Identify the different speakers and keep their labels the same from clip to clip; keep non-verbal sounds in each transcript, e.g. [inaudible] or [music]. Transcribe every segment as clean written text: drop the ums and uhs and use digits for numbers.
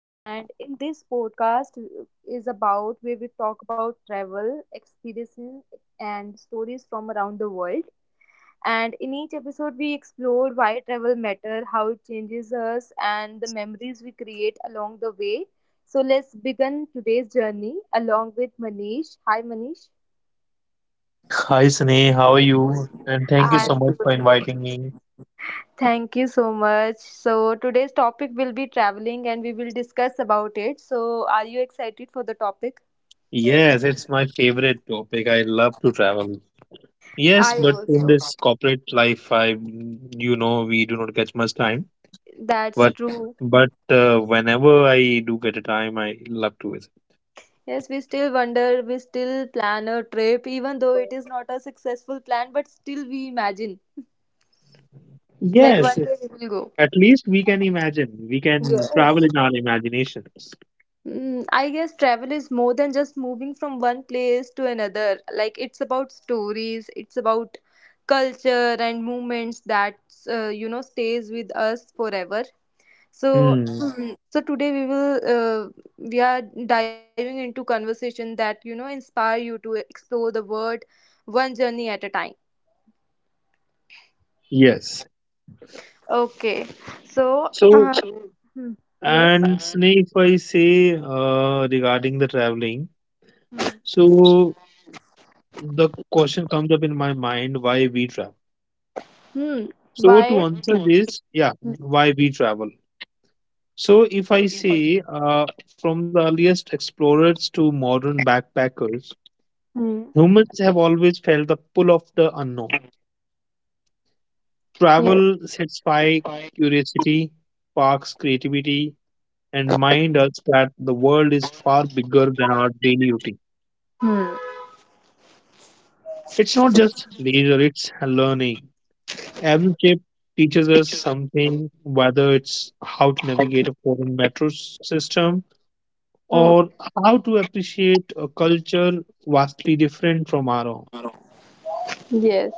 Speaker 1: And in this podcast is about where we talk about travel, experiences, and stories from around the world. And in each episode, we explore why travel matter, how it changes us, and the memories we create along the way. So let's begin today's journey along with Manish. Hi Manish.
Speaker 2: Hi Sneh, how are you? And thank you
Speaker 1: Hi.
Speaker 2: so much for inviting me.
Speaker 1: Thank you so much. So today's topic will be traveling and we will discuss about it. So are you excited for the topic?
Speaker 2: Yes, it's my favorite topic. I love to travel. Yes,
Speaker 1: I
Speaker 2: but in
Speaker 1: also.
Speaker 2: this corporate life, we do not get much time.
Speaker 1: That's
Speaker 2: But
Speaker 1: true.
Speaker 2: but whenever I do get a time, I love to visit.
Speaker 1: Yes, we still wonder, we still plan a trip even though it is not a successful plan but still we imagine like
Speaker 2: Yes,
Speaker 1: one day we will go.
Speaker 2: at least we can imagine. We can
Speaker 1: Yes.
Speaker 2: travel in our imaginations.
Speaker 1: Mm, I guess travel is more than just moving from one place to another. Like it's about stories, it's about culture and movements that you know stays with us forever so
Speaker 2: Hmm.
Speaker 1: [clears throat] so today we will we are diving into conversation that you know inspire you to explore the world one journey at a time.
Speaker 2: Yes.
Speaker 1: Okay. So
Speaker 2: So,
Speaker 1: hmm, yes.
Speaker 2: and Sneh, if I say regarding the traveling.
Speaker 1: Hmm.
Speaker 2: So the question comes up in my mind, why we travel?
Speaker 1: Hmm.
Speaker 2: So to
Speaker 1: Why?
Speaker 2: answer this, yeah,
Speaker 1: Hmm.
Speaker 2: why we travel? So if I say from the earliest explorers to modern backpackers,
Speaker 1: Hmm.
Speaker 2: humans have always felt the pull of the unknown.
Speaker 1: Yes.
Speaker 2: Travel satisfies curiosity, sparks creativity, and reminds us that the world is far bigger than our daily routine.
Speaker 1: Hmm.
Speaker 2: It's not just leisure, it's learning. Every trip teaches us something, whether it's how to navigate a foreign system
Speaker 1: Hmm,
Speaker 2: or how to appreciate a culture vastly different from our own.
Speaker 1: yes.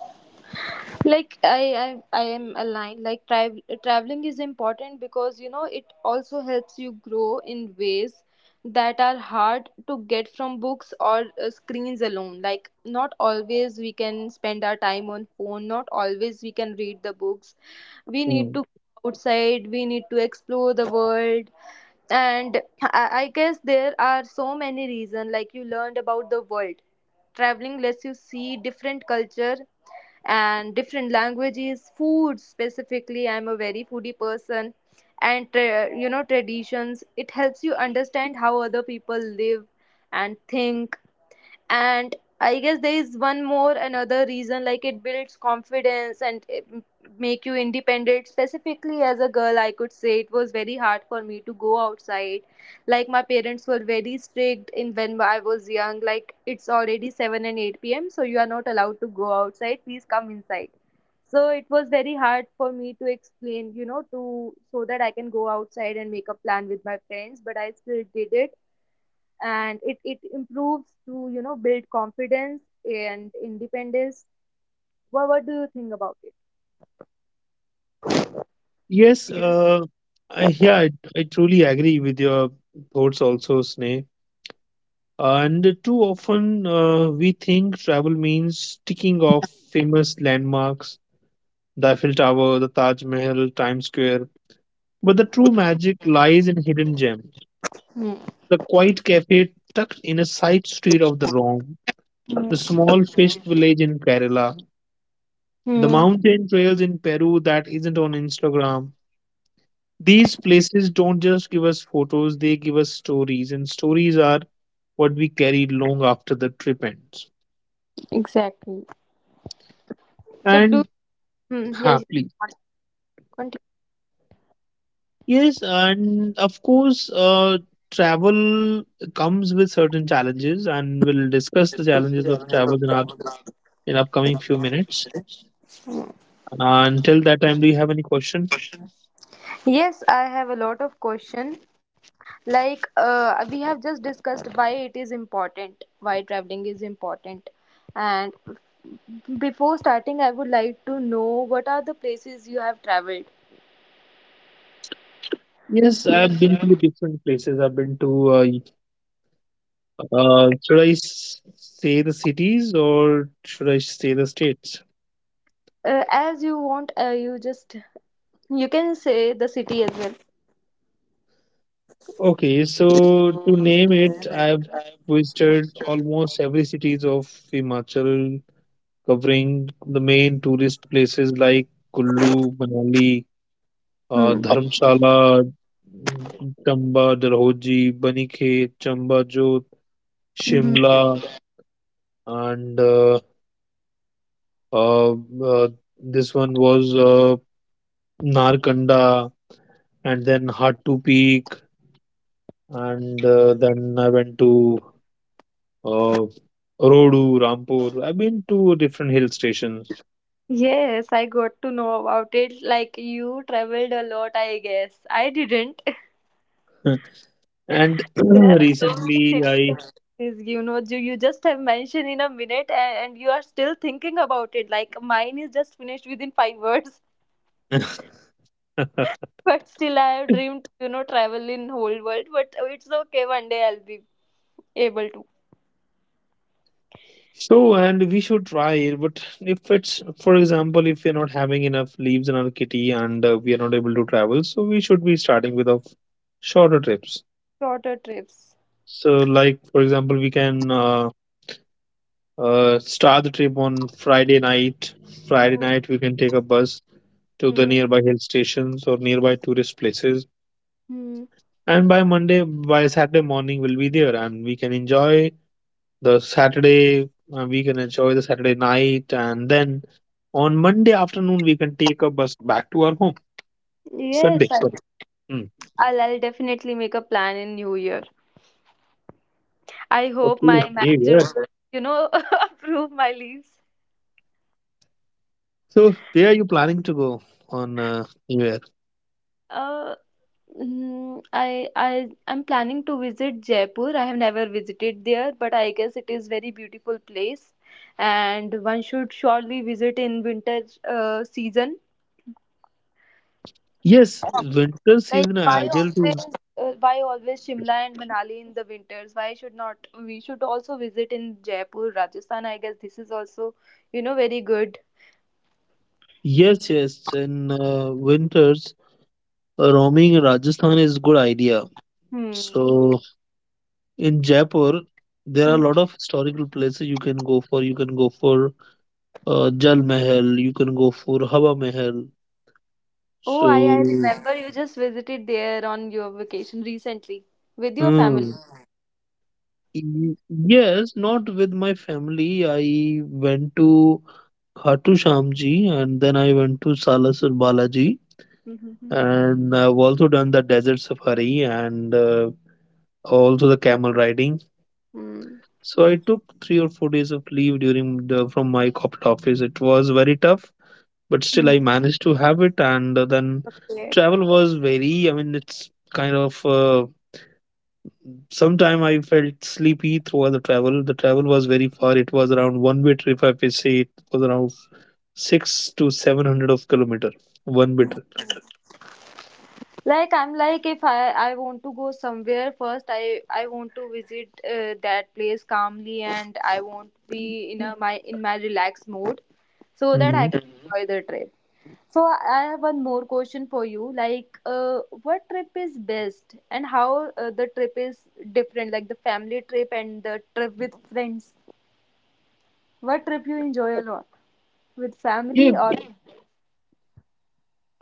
Speaker 1: Like I am aligned like traveling is important because you know it also helps you grow in ways that are hard to get from books or screens alone. Like not always we can spend our time on phone, not always we can read the books, we need
Speaker 2: Hmm.
Speaker 1: to go outside, we need to explore the world. And I guess there are so many reasons. Like you learned about the world, traveling lets you see different culture and different languages, food, specifically I'm a very foodie person, and you know traditions, it helps you understand how other people live and think. And I guess there is one more another reason, like it builds confidence and it make you independent. Specifically as a girl I could say it was very hard for me to go outside, like my parents were very strict in when I was young, like it's already 7 and 8 p.m so you are not allowed to go outside, please come inside. So it was very hard for me to explain you know to, so that I can go outside and make a plan with my friends, but I still did it. And it improves to you know build confidence and independence. What do you think about it?
Speaker 2: Yes, I, yeah, I, I truly agree with your thoughts also, Sneh. And too often we think travel means ticking off famous landmarks, the Eiffel Tower, the Taj Mahal, Times Square. But
Speaker 1: Hmm.
Speaker 2: the true magic lies in hidden gems.
Speaker 1: Hmm.
Speaker 2: The quiet cafe tucked in a side street of the Rome, the small fish village in Kerala, the
Speaker 1: Hmm.
Speaker 2: mountain trails in Peru that isn't on Instagram. These places don't just give us photos, they give us stories, and stories are what we carry long after the trip ends.
Speaker 1: Exactly. So do.
Speaker 2: And
Speaker 1: Hmm, yes,
Speaker 2: happily.
Speaker 1: continue.
Speaker 2: Yes, and of course, travel comes with certain challenges, and we'll discuss the challenges of travel in our in upcoming few minutes. Until that time, do you have any questions?
Speaker 1: Yes, I have a lot of question. Like we have just discussed why it is important, why traveling is important. And before starting, I would like to know what are the places you have traveled.
Speaker 2: Yes, I've been to different places. I've been to, should I say the cities or should I say the states?
Speaker 1: As you want, you just you can say the city as well.
Speaker 2: Okay, so to name it, I've visited almost every cities of Himachal, covering the main tourist places like Kullu, Manali,
Speaker 1: Hmm.
Speaker 2: Dharamshala, Chamba, Dalhousie, Baniket, Chamba Jodh,
Speaker 1: Mhm.
Speaker 2: Shimla, and Uh, uh, this one was Narkanda, and then Hatu Peak, and then I went to uh, Rodu, Rampur. I've been to different hill stations,
Speaker 1: Yes, I got to know about it. Like you traveled a lot, I guess. I didn't.
Speaker 2: [laughs] and
Speaker 1: [laughs] There
Speaker 2: [clears throat]
Speaker 1: are so many
Speaker 2: recently
Speaker 1: cities, you know, you just have mentioned in a minute, and you are still thinking about it. Like mine is just finished within five words,
Speaker 2: I. [laughs]
Speaker 1: [laughs] but still I have dreamed, you know, travel in whole world. But it's okay, one day I'll be able to.
Speaker 2: So, and we should try it, but if it's, for example, if we're not having enough leaves in our kitty and we are not able to travel, so we should be starting with a shorter trips.
Speaker 1: Shorter trips.
Speaker 2: So, like, for example, we can start the trip on Friday night. Friday
Speaker 1: Hmm.
Speaker 2: night, we can take a bus to the
Speaker 1: Hmm.
Speaker 2: nearby hill stations or nearby tourist places.
Speaker 1: Hmm.
Speaker 2: And by Monday, by Saturday morning, we'll be there and we can enjoy the Saturday. We can enjoy the Saturday night. And then on Monday afternoon, we can take a bus back to our home. Sunday,
Speaker 1: Yes,
Speaker 2: sorry. Mm.
Speaker 1: I'll definitely make a plan in New Year. I hope
Speaker 2: Okay,
Speaker 1: my
Speaker 2: New
Speaker 1: manager,
Speaker 2: Year.
Speaker 1: will, you know, [laughs] approve my leaves.
Speaker 2: So, where are you planning to go on New Year?
Speaker 1: Uh, I'm planning to visit Jaipur. I have never visited there, but I guess it is very beautiful place, and one should surely visit in winter season.
Speaker 2: Yes, winter
Speaker 1: Like
Speaker 2: season are ideal to.
Speaker 1: why always Shimla and Manali in the winters? Why should not we should also visit in Jaipur, Rajasthan? I guess this is also you know very good.
Speaker 2: Yes, yes. In winters, roaming in Rajasthan is good idea.
Speaker 1: Hmm.
Speaker 2: So in Jaipur, there are
Speaker 1: Hmm.
Speaker 2: a lot of historical places you can go for. You can go for Jal Mahal. You can go for Hawa Mahal.
Speaker 1: Oh,
Speaker 2: So,
Speaker 1: I remember you just visited there on your vacation recently with your family.
Speaker 2: hmm. y- Yes, not with my family. I went to Khatu Shyam Ji and then I went to Salasar Balaji.
Speaker 1: Mm-hmm.
Speaker 2: And I've also done the desert safari and also the camel riding.
Speaker 1: Mm.
Speaker 2: So I took 3 or 4 days of leave during the, from my corporate office. It was very tough, but still I
Speaker 1: Mm.
Speaker 2: managed to have it. And then
Speaker 1: Yeah.
Speaker 2: travel was very. I mean, it's kind of. Sometime I felt sleepy throughout the travel. The travel was very far. It was around one way trip. If I say, it was around six to seven hundred of kilometer. One way trip.
Speaker 1: Like I'm like if I want to go somewhere first I want to visit that place calmly and I want to be in a my in my relaxed mode so that I
Speaker 2: Hmm.
Speaker 1: can Mhm. enjoy the trip. So I have one more question for you like what trip is best and how the trip is different, like the family trip and the trip with friends. What trip you enjoy a lot? With
Speaker 2: Yeah,
Speaker 1: family or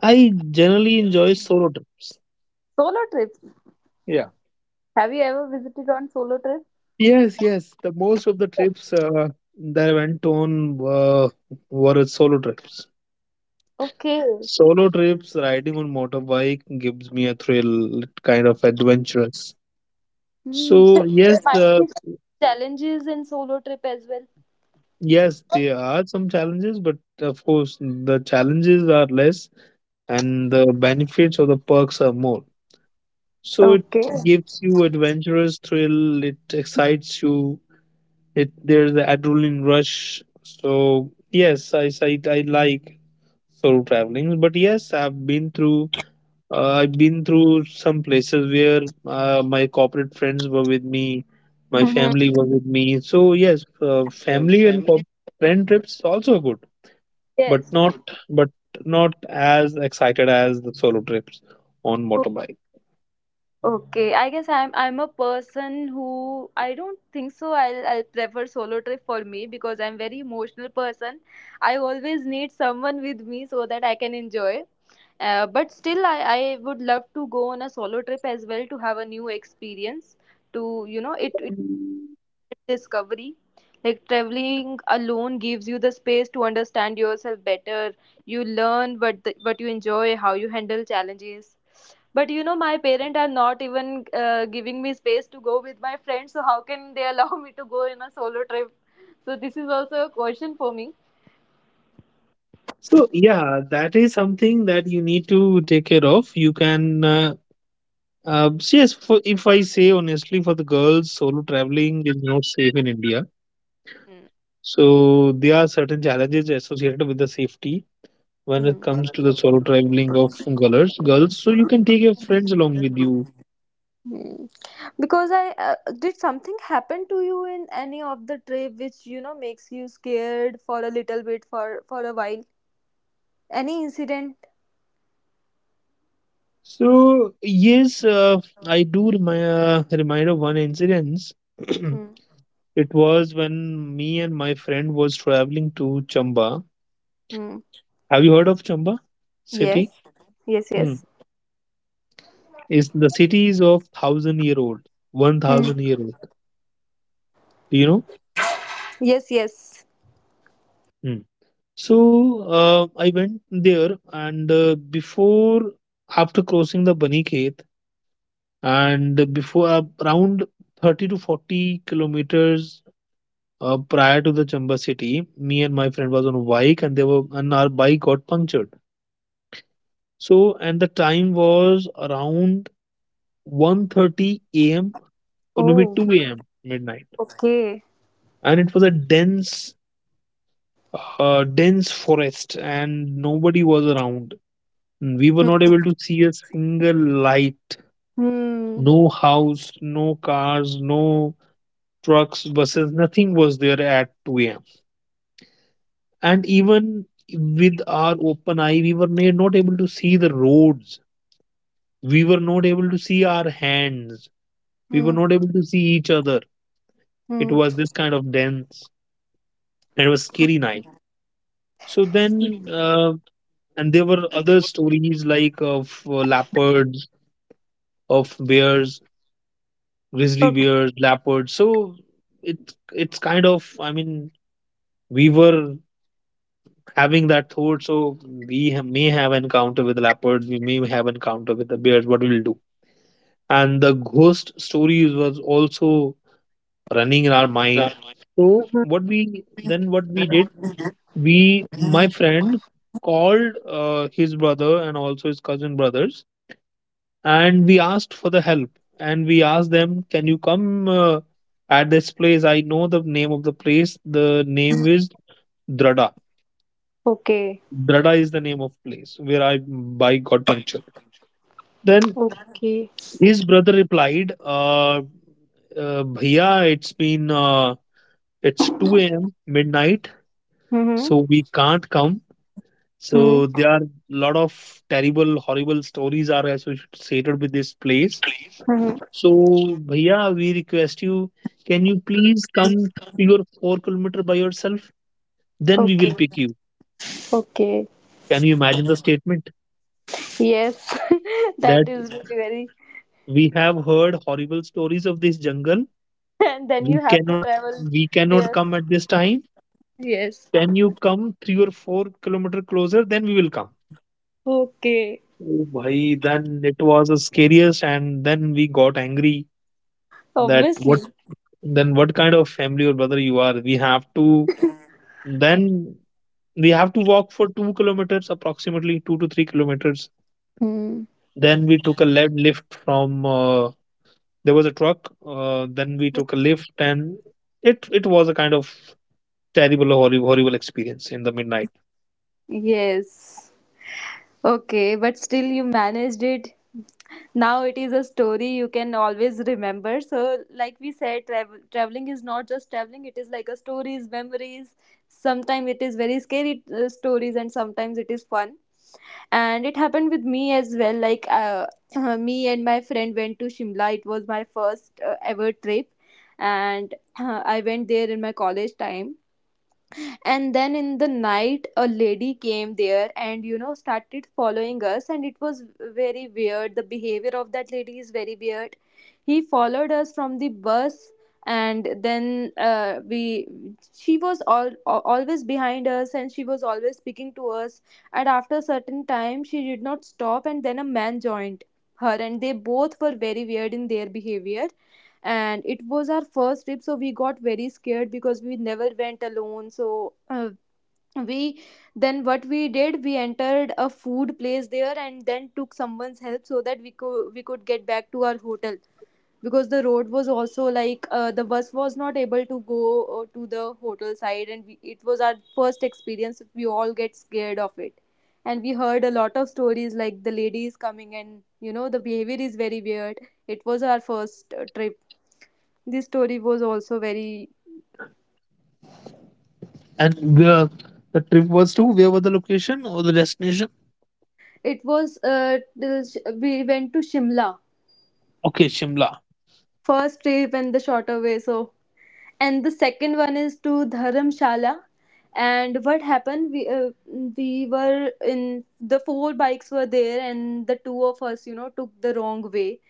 Speaker 2: I generally enjoy solo trips.
Speaker 1: solo trips?
Speaker 2: Yeah.
Speaker 1: Have you ever visited on solo trip?
Speaker 2: Yes, yes. The most of the trips that I went on were solo trips.
Speaker 1: Okay.
Speaker 2: Solo trips, riding on motorbike gives me a thrill, it kind of adventurous.
Speaker 1: Hmm.
Speaker 2: So
Speaker 1: [laughs] There
Speaker 2: yes,
Speaker 1: might be challenges in solo trip as well.
Speaker 2: yes, there are some challenges, but of course the challenges are less and the benefits or the perks are more. So it
Speaker 1: Okay.
Speaker 2: gives you adventurous thrill, it excites you, it there's the adrenaline rush. So yes, I like solo traveling, but yes, I've been through some places where my corporate friends were with me, my
Speaker 1: Mhm.
Speaker 2: family were with me. So yes, family and friend trips also good, but
Speaker 1: Yes.
Speaker 2: not but not as excited as the solo trips on
Speaker 1: O-
Speaker 2: motorbike.
Speaker 1: Okay. I guess I'm a person who, I don't think so. I'll prefer solo trip for me because I'm very emotional person. I always need someone with me so that I can enjoy. But still, I would love to go on a solo trip as well to have a new experience. To you know it. Discovery, like traveling alone gives you the space to understand yourself better, you learn what what you enjoy, how you handle challenges. But you know my parents are not even giving me space to go with my friends, so how can they [laughs] allow me to go in a solo trip? So this is also a question for me.
Speaker 2: So yeah, that is something that you need to take care of. You can so yes, for, if I say honestly, for the girls, solo traveling is not safe in India.
Speaker 1: Hmm.
Speaker 2: So there are certain challenges associated with the safety when it comes to the solo traveling of girls. Girls, so you can take your friends along with you.
Speaker 1: Hmm. Because I did something happen to you in any of the trip which you know makes you scared for a little bit for a while, any incident?
Speaker 2: So yes, I do remind of one incident.
Speaker 1: Hmm.
Speaker 2: [clears throat] It was when me and my friend was traveling to Chamba.
Speaker 1: Hmm.
Speaker 2: Have you heard of Chamba city?
Speaker 1: Yes, yes.
Speaker 2: Hmm.
Speaker 1: Yes.
Speaker 2: Is the city is of thousand year old, one
Speaker 1: Hmm.
Speaker 2: thousand year old. Do you
Speaker 1: Yes, yes.
Speaker 2: know? So I went there, and before, after crossing the Bani Khet, and before around 30 to 40 kilometers prior to the Chamba city, me and my friend was on a bike, and they were and our bike got punctured. So and the time was around 1:30 a.m. or maybe
Speaker 1: Oh,
Speaker 2: 2 a.m. midnight,
Speaker 1: okay.
Speaker 2: and it was a dense, dense forest, and nobody was around. Mm, we were not
Speaker 1: Hmm.
Speaker 2: able to see a single light,
Speaker 1: Hmm.
Speaker 2: no house, no cars, no trucks, buses, nothing was there at 2 a.m. And even with our open eye, we were not able to see the roads. We were not able to see our hands. We
Speaker 1: Hmm.
Speaker 2: were not able to see each other. It
Speaker 1: Hmm.
Speaker 2: was this kind of dense and it was scary night. So then, and there were other stories like of leopards, of bears, grizzly
Speaker 1: Okay.
Speaker 2: bears, leopards. So it's kind of I mean we were having that thought. So we may have encounter with leopards, we may have encounter with the bears. What we'll do? And the ghost stories was also running in our mind. So
Speaker 1: Mhm.
Speaker 2: what we then what we did? We My friend called his brother and also his cousin brothers, and we asked for the help, and we asked them, can you come at this place? I know the name of the place, the name is Drada.
Speaker 1: Okay.
Speaker 2: Drada is the name of place where I by got punctured. Then
Speaker 1: Okay.
Speaker 2: his brother replied, bhaiya, it's been it's 2 a.m midnight,
Speaker 1: Mm-hmm.
Speaker 2: so we can't come. So there are a lot of terrible horrible stories are associated with this place.
Speaker 1: Mm-hmm.
Speaker 2: So, Bhaiya, we request you, can you please come to your 4 kilometer by yourself? Then we
Speaker 1: Okay.
Speaker 2: will pick you.
Speaker 1: Okay.
Speaker 2: Can you imagine the statement
Speaker 1: Yes. [laughs]
Speaker 2: that
Speaker 1: That is really very.
Speaker 2: we have heard horrible stories of this jungle?
Speaker 1: [laughs] And then you have to travel
Speaker 2: We cannot
Speaker 1: there.
Speaker 2: come at this time.
Speaker 1: Yes.
Speaker 2: Can you come 3 or 4 kilometer closer? Then we will come.
Speaker 1: Okay,
Speaker 2: Oh, bhai, then it was the scariest, and then we got angry that what
Speaker 1: obviously.
Speaker 2: then what kind of family or brother you are? We have to. Then we have to walk for 2 kilometers, approximately 2 to 3 kilometers.
Speaker 1: Hmm.
Speaker 2: Then we took a left lift from there was a truck. Then we took a lift, and it was a kind of terrible, horrible, horrible experience in the midnight.
Speaker 1: Yes. Okay, but still you managed it. Now it is a story you can always remember. So, like we said, traveling is not just traveling, it is like a stories, memories. Sometimes it is very scary stories, and sometimes it is fun. And it happened with me as well. Like, [clears throat] me and my friend went to Shimla. It was my first ever trip, and [clears throat] I went there in my college time, and then in the night a lady came there and you know started following us, and it was very weird, the behavior of that lady is very weird. He followed us from the bus, and then we, she was always behind us and she was always speaking to us, and after a certain time she did not stop, and then a man joined her and they both were very weird in their behavior. And it was our first trip so we got very scared because we never went alone, so we, then what we did, we entered a food place there and then took someone's help so that we could get back to our hotel, because the road was also like the bus was not able to go to the hotel side, and we, it was our first experience, we all get scared of it. And we heard a lot of stories like the lady is coming and you know the behavior is very weird. It was our first trip, the story was also very.
Speaker 2: And the trip was to where was the location or the destination?
Speaker 1: It was we went to Shimla,
Speaker 2: Okay, Shimla.
Speaker 1: first trip, and the shorter way. So and the second one is to Dharamshala, and what happened, we were in, the four bikes were there and the two of us you know took the wrong way.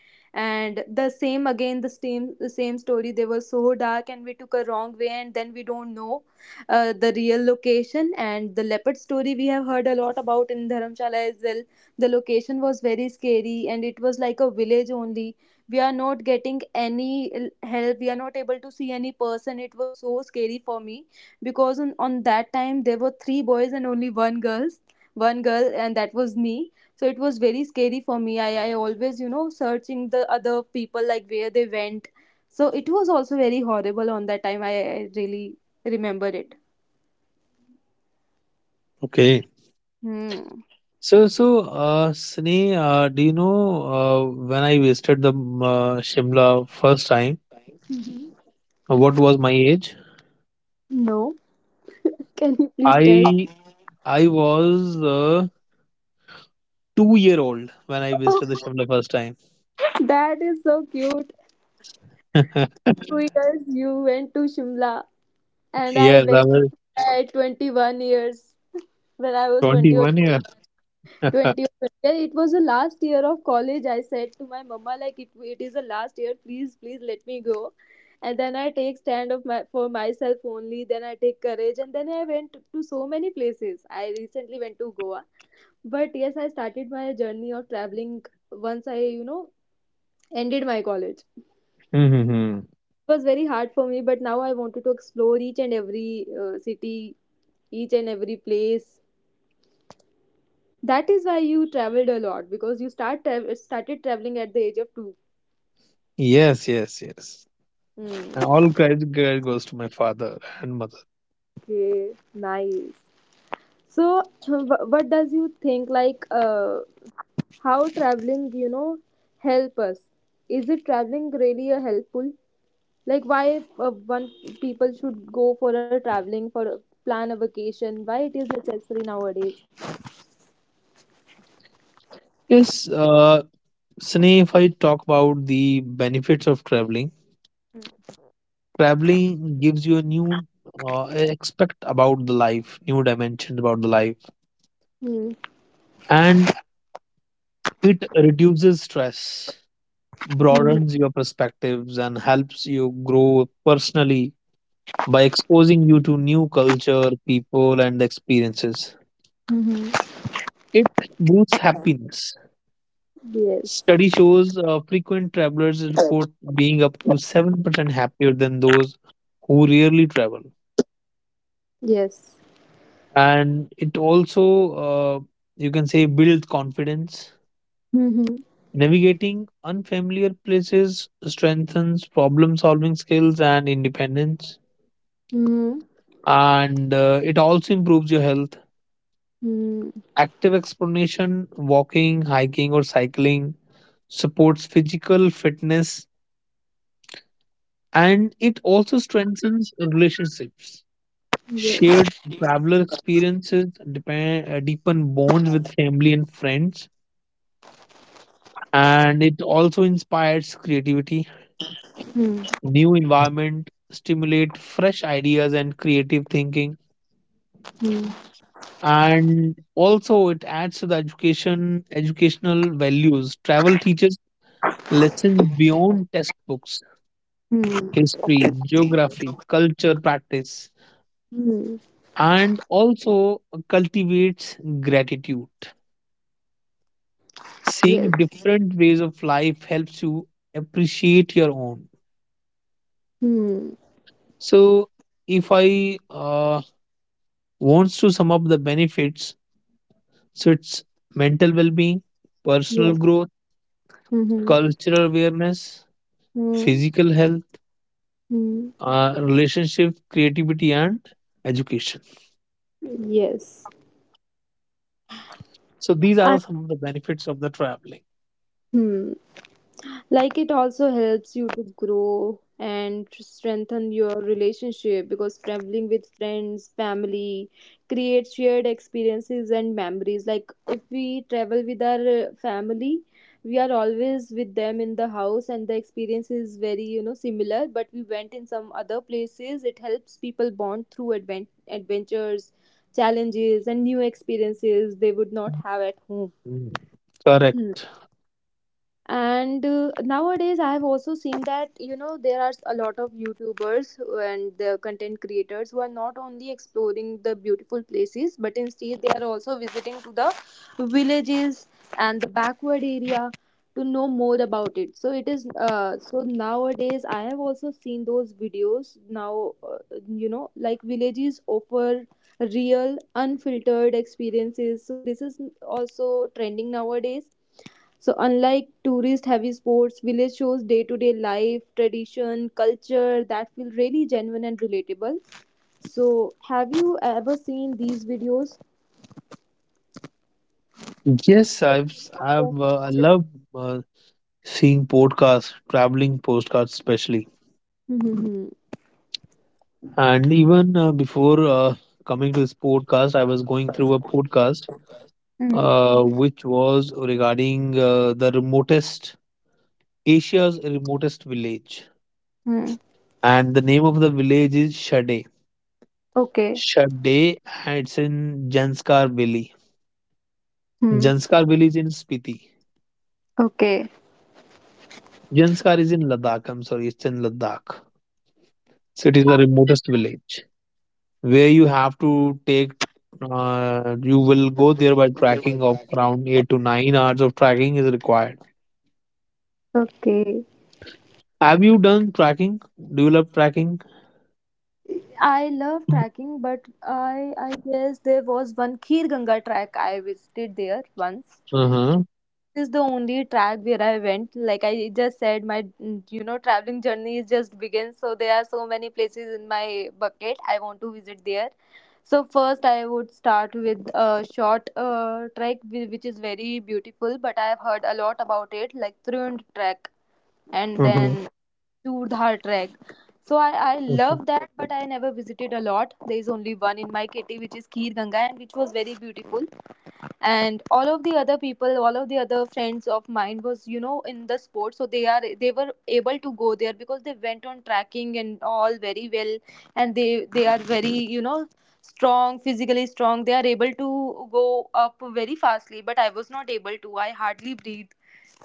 Speaker 1: And the same again, the same story, they were so dark and we took a wrong way and then we don't know the real location, and the leopard story we have heard a lot about in Dharamshala as well. The location was very scary and it was like a village only, we are not getting any help, we are not able to see any person, it was so scary for me because on that time there were three boys and only one girl, and that was me, so it was very scary for me. I always you know searching the other people like where they went. So it was also very horrible on that time. I really remember it.
Speaker 2: Okay.
Speaker 1: Hmm.
Speaker 2: So, so, Sine, do you know when I visited the Shimla first time?
Speaker 1: Mhm.
Speaker 2: What was my age?
Speaker 1: No. Can you please tell.
Speaker 2: I I was a two-year-old when I visited the ship the
Speaker 1: [laughs]
Speaker 2: first time.
Speaker 1: That is so cute. two
Speaker 2: [laughs]
Speaker 1: years you went to Shimla, and I
Speaker 2: Yes, I
Speaker 1: went
Speaker 2: was
Speaker 1: at 21 years when I was 20 or
Speaker 2: 21 year. [laughs]
Speaker 1: 20 or 20, yeah, it was the last year of college. I said to my mama, like, it is the last year, please, please let me go. And then I take stand of my for myself, only then I take courage, and then I went to so many places. I recently went to Goa, but yes, I started my journey of traveling once I ended my college. It
Speaker 2: Hmm.
Speaker 1: was very hard for me, but now I wanted to explore each and every city, each and every place. That is why you traveled a lot because you started traveling at the age of two.
Speaker 2: Yes, yes, yes.
Speaker 1: Hmm.
Speaker 2: And all credit goes to my father and mother.
Speaker 1: Okay, nice. So, [clears throat] what does you think, like how traveling, help us? Is it traveling really a helpful? Like why one people should go for a traveling plan a vacation? Why it is necessary nowadays?
Speaker 2: Yes, Sneh, if I talk about the benefits of traveling, traveling gives you a new aspect about the life, new dimensions about the life,
Speaker 1: Hmm.
Speaker 2: and it reduces stress.
Speaker 1: Hmm.
Speaker 2: Broadens your perspectives and helps you grow personally by exposing you to new culture, people, and experiences.
Speaker 1: Hmm.
Speaker 2: It boosts happiness.
Speaker 1: Yes.
Speaker 2: Study shows frequent travelers report being up to 7% happier than those who rarely travel.
Speaker 1: Yes.
Speaker 2: And it also, you can say, builds confidence.
Speaker 1: Hmm.
Speaker 2: Navigating unfamiliar places strengthens problem solving skills and independence,
Speaker 1: Hmm.
Speaker 2: and it also improves your health.
Speaker 1: Hmm.
Speaker 2: Active explanation, walking, hiking, or cycling supports physical fitness, and it also strengthens relationships. Shared
Speaker 1: Yes.
Speaker 2: traveler experiences deepen bonds with family and friends, and it also inspires creativity.
Speaker 1: Hmm.
Speaker 2: New environment stimulate fresh ideas and creative thinking, and also it adds to the educational values. Travel teaches lessons beyond textbooks,
Speaker 1: Hmm.
Speaker 2: history, geography, culture, practice,
Speaker 1: Hmm.
Speaker 2: and also cultivates gratitude. Seeing
Speaker 1: Yes.
Speaker 2: different ways of life helps you appreciate your own.
Speaker 1: Hmm.
Speaker 2: So, if I wants to sum up the benefits, so it's mental well-being, personal
Speaker 1: Yes.
Speaker 2: growth,
Speaker 1: Hmm.
Speaker 2: cultural awareness,
Speaker 1: Hmm.
Speaker 2: physical health,
Speaker 1: Hmm.
Speaker 2: relationship, creativity, and education.
Speaker 1: Yes.
Speaker 2: So these are
Speaker 1: And.
Speaker 2: some of the benefits of the traveling.
Speaker 1: Hmm. Like it also helps you to grow and to strengthen your relationship because traveling with friends, family creates shared experiences and memories. Like if we travel with our family, we are always with them in the house, and the experience is very similar. But we went in some other places, it helps people bond through adventures, challenges, and new experiences they would not have at home.
Speaker 2: Mm, correct.
Speaker 1: And nowadays, I have also seen that there are a lot of youtubers and the content creators who are not only exploring the beautiful places, but instead they are also visiting to the villages and the backward area to know more about it. So it is so nowadays I have also seen those videos now, like villages offer real unfiltered experiences, so this is also trending nowadays. So, unlike tourist heavy sports, village shows day to day life, tradition, culture that feel really genuine and relatable. So, have you ever seen these videos?
Speaker 2: Yes, I've s- I've I love uh, seeing podcasts, traveling postcards especially.
Speaker 1: Mm-hmm.
Speaker 2: And even before coming to this podcast, I was going through a podcast
Speaker 1: Mm-hmm.
Speaker 2: which was regarding the remotest Asia's remotest village, and the name of the village is Shade.
Speaker 1: Okay.
Speaker 2: Shade, and it's in Janskar Valley.
Speaker 1: Hmm.
Speaker 2: Janskar Valley is in Spiti.
Speaker 1: Okay.
Speaker 2: Janskar is in Ladakh. I'm sorry, it's in Ladakh. So it is the remotest village where you have to take. You will go there by tracking of around 8 to 9 hours of tracking is required.
Speaker 1: Okay.
Speaker 2: Have you done tracking? Do you love tracking?
Speaker 1: I love trekking, but I guess there was one Khir Ganga track I visited there once.
Speaker 2: Uh huh.
Speaker 1: This is the only track where I went. Like I just said, my traveling journey is just begins. So there are so many places in my bucket. I want to visit there. So first, I would start with a short trek which is very beautiful, but I have heard a lot about it, like Trund trek, and
Speaker 2: Uh huh.
Speaker 1: then Churdhar trek. So I
Speaker 2: Okay.
Speaker 1: love that, but I never visited a lot. There is only one in my kitty, which is Kir Ganga, and which was very beautiful. And all of the other friends of mine was in the sport, so they were able to go there because they went on tracking and all very well. And they are very strong, physically strong. They are able to go up very fastly, but I was not able to. I hardly breathe.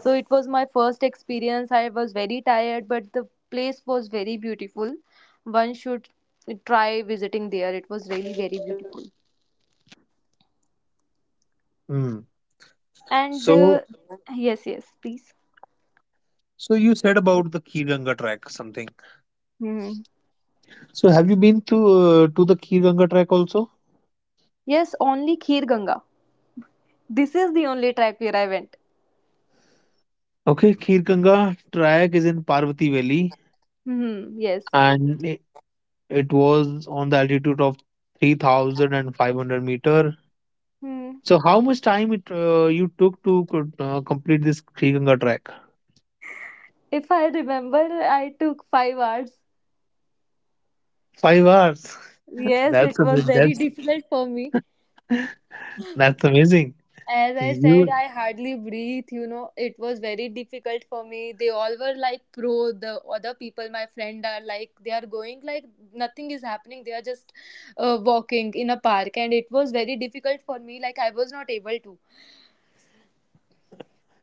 Speaker 1: So it was my first experience. I was very tired, but the place was very beautiful. One should try visiting there. It was really very beautiful.
Speaker 2: Mm.
Speaker 1: And
Speaker 2: So,
Speaker 1: yes, yes, please.
Speaker 2: so you said about the Kir Ganga track something.
Speaker 1: Mhm.
Speaker 2: So have you been to the Kir Ganga track also?
Speaker 1: Yes, only Kheer Ganga. This is the only track where I went.
Speaker 2: Okay, Kir Ganga track is in Parvati Valley,
Speaker 1: Hmm. Yes.
Speaker 2: and it was on the altitude of 3,500 meter.
Speaker 1: Hmm.
Speaker 2: So how much time it you took to complete this Sri Ganga track?
Speaker 1: If I remember, I took 5 hours.
Speaker 2: 5 hours. [laughs]
Speaker 1: Yes,
Speaker 2: That's
Speaker 1: it
Speaker 2: a
Speaker 1: was very [laughs]
Speaker 2: that's
Speaker 1: difficult for me.
Speaker 2: [laughs] that's amazing.
Speaker 1: As I said,
Speaker 2: You
Speaker 1: I hardly breathe. It was very difficult for me. They all were like pro. The other people, my friend, are like they are going like nothing is happening. They are just walking in a park, and it was very difficult for me. Like I was not able to.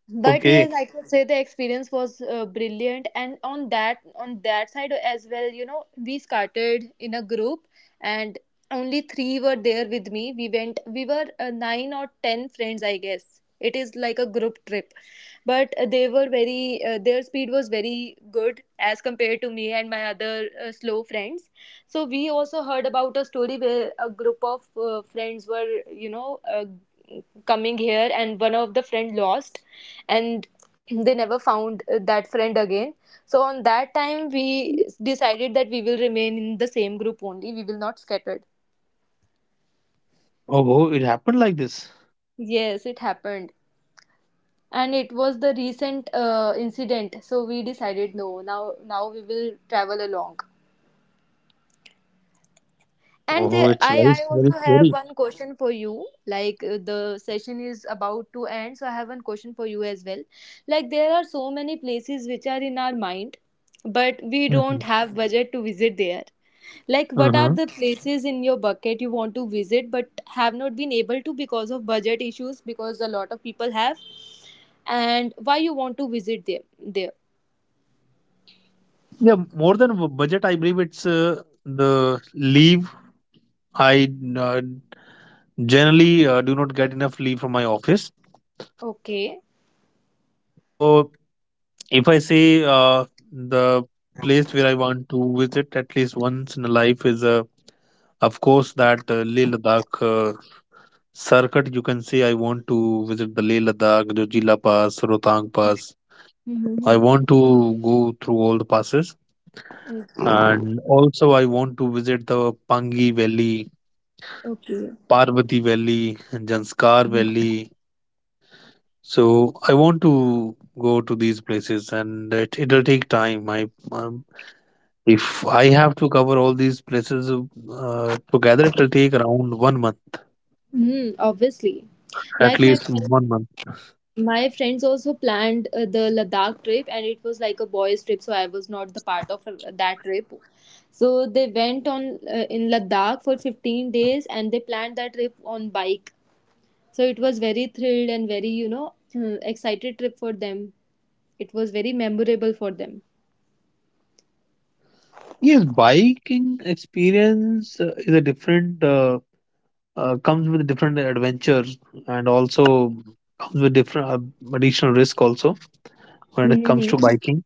Speaker 1: But
Speaker 2: okay?
Speaker 1: yes, I could say the experience was brilliant, and on that side as well, we started in a group, and only three were there with me. We were nine or ten friends, I guess. It is like a group trip, but they were very their speed was very good as compared to me and my other slow friends. So we also heard about a story where a group of friends were, coming here, and one of the friend lost, and they never found that friend again. So on that time, we decided that we will remain in the same group only, we will not scattered.
Speaker 2: Oh, oh, it happened like this.
Speaker 1: Yes, it happened, and it was the recent incident. So we decided no, now we will travel along. And
Speaker 2: Oh,
Speaker 1: the,
Speaker 2: it's very
Speaker 1: I, I
Speaker 2: very
Speaker 1: also have
Speaker 2: scary.
Speaker 1: one question for you. Like the session is about to end, so I have one question for you as well. Like there are so many places which are in our mind, but we
Speaker 2: Mm-hmm.
Speaker 1: don't have budget to visit there. Like what are
Speaker 2: Uh-huh.
Speaker 1: the places in your bucket you want to visit but have not been able to because of budget issues because a lot of people have, and why you want to visit there.
Speaker 2: Yeah, more than budget, I believe it's the leave. I generally do not get enough leave from my office.
Speaker 1: Okay.
Speaker 2: So if I say the place where I want to visit at least once in a life is, of course, that Leh Ladakh uh, circuit. You can say I want to visit the Leh Ladakh, Jojila Pass, Rotang Pass. I
Speaker 1: Mm-hmm.
Speaker 2: want to go through all the passes, and also I want to visit the Pangi Valley,
Speaker 1: Okay.
Speaker 2: Parvati Valley, and Janskar Valley. So I want to go to these places, and it'll take time. I If I have to cover all these places together, it will take around 1 month,
Speaker 1: Mm, obviously.
Speaker 2: at
Speaker 1: Like my
Speaker 2: least
Speaker 1: friend
Speaker 2: 1 month.
Speaker 1: My friends also planned the Ladakh trip, and it was like a boys' trip, so I was not the part of that trip. So they went on in Ladakh for 15 days, and they planned that trip on bike. So it was very thrilled and very [clears throat] excited trip for them. It was very memorable for them.
Speaker 2: Yes, biking experience is a different, comes with different adventures, and also comes with different additional risk also when it comes to
Speaker 1: Mm-hmm.
Speaker 2: biking.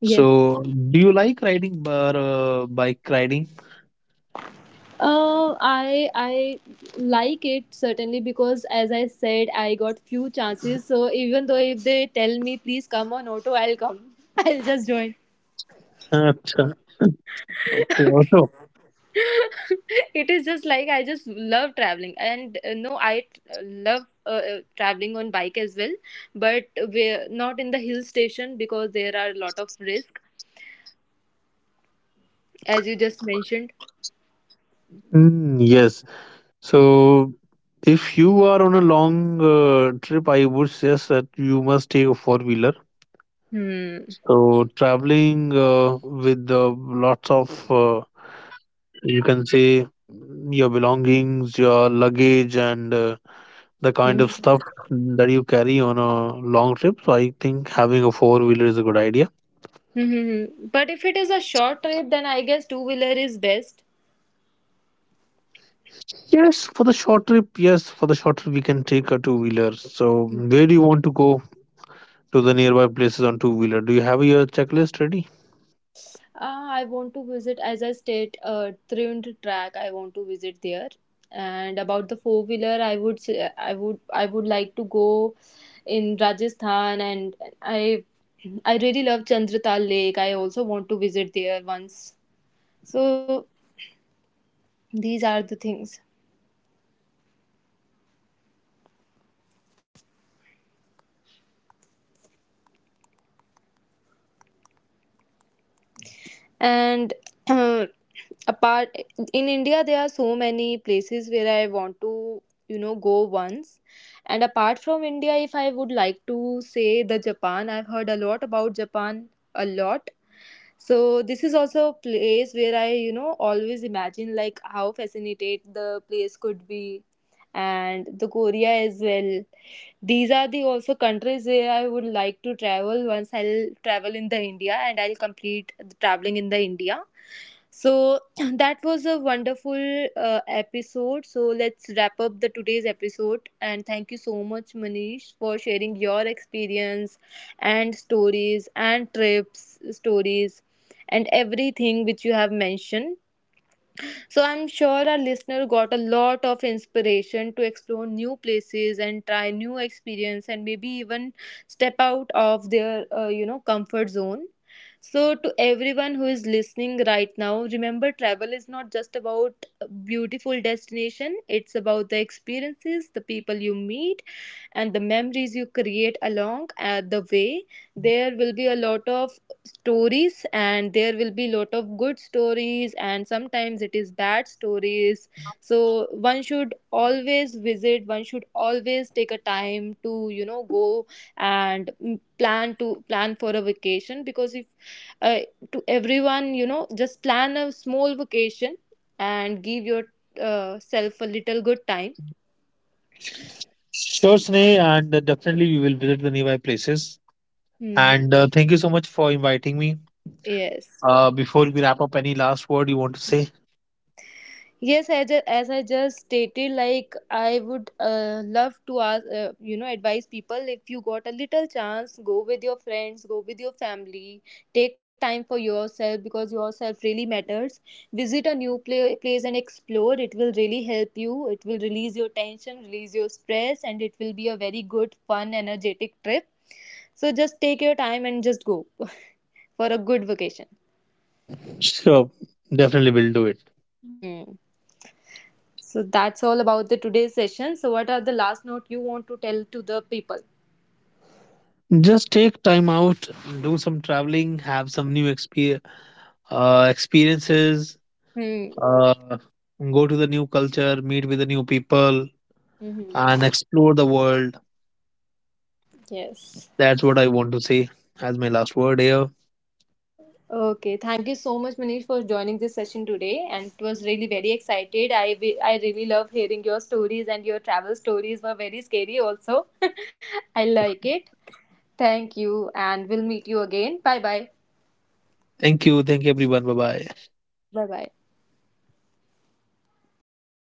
Speaker 1: Yes.
Speaker 2: do you like riding, bike riding?
Speaker 1: I like it certainly because as I said, I got few chances. So even though if they tell me please come on auto, I'll come. [laughs] I'll just join.
Speaker 2: [laughs] Okay, also.
Speaker 1: [laughs] It is just like I just love traveling, and no, I love traveling on bike as well, but we're not in the hill station because there are a lot of risk, as you just mentioned.
Speaker 2: Mm, yes. So, if you are on a long trip, I would suggest that you must take a four wheeler.
Speaker 1: Hmm.
Speaker 2: So, traveling with lots of, you can say, your belongings, your luggage, and the kind of
Speaker 1: Hmm.
Speaker 2: stuff that you carry on a long trip. So, I think having a four wheeler is a good idea.
Speaker 1: Mm-hmm. But if it is a short trip, then I guess two wheeler is best.
Speaker 2: Yes, for the short trip, yes, for the short trip, we can take a two wheeler. So, where do you want to go to the nearby places on two wheeler? Do you have your checklist ready?
Speaker 1: Ah, I want to visit, as I state, Trivandrum track. I want to visit there. And about the four wheeler, I would say, I would like to go in Rajasthan, and I, I really love Chandratal Lake. I also want to visit there once. So these are the things. And uh, apart, in India there are so many places where I want to go once. And apart from India, if I would like to say, the Japan. I've heard a lot about Japan, a lot. So this is also a place where I always imagine, like how fascinated the could be. And the Korea as well. These are the also countries where I would like to travel once. I'll travel in the India and I'll complete the traveling in the India. So [clears throat] that was a wonderful episode. So let's wrap up the today's episode, and thank you so much, Manish, for sharing your experience and stories and trips stories and everything which you have mentioned. So I'm sure our listener got a lot of inspiration to explore new places and try new experience and maybe even step out of their comfort zone. So to everyone who is listening right now, remember travel is not just about a beautiful destination, it's about the experiences, the people you meet and the memories you create along the way. There will be a lot of stories, and there will be lot of good stories, and sometimes it is bad stories. So one should always visit, one should always take a time to go, and plan for a vacation. Because if uh, to everyone, just plan a small vacation, and give your self a little good time.
Speaker 2: Sure, Sneh, and definitely we will visit the nearby places.
Speaker 1: Hmm.
Speaker 2: And thank you so much for inviting me.
Speaker 1: Yes.
Speaker 2: Before we wrap up, any last word you want to say?
Speaker 1: Yes, as I just stated, like I would love to ask, you know, advise people if you got a little chance, go with your friends, go with your family, take time for yourself because yourself really matters. Visit a new place and explore. It will really help you. It will release your tension, release your stress, and it will be a very good, fun, energetic trip. So just take your time and just go [laughs] for a good vacation.
Speaker 2: Sure, definitely we'll do it.
Speaker 1: Hmm. So that's all about the today's session. So what are the last note you want to tell to the people?
Speaker 2: Just take time out, do some traveling, have some new experiences,
Speaker 1: Hmm.
Speaker 2: uh, go to the new culture, meet with the new people,
Speaker 1: Hmm.
Speaker 2: and explore the world.
Speaker 1: Yes.
Speaker 2: That's what I want to say as my last word here.
Speaker 1: Okay. Thank you so much, Manish, for joining this session today, and it was really very excited. I really love hearing your stories and your travel stories were very scary also. [laughs] I like it. Thank you, and we'll meet you again. Bye bye.
Speaker 2: Thank you. Thank you, everyone. Bye bye.
Speaker 1: Bye bye.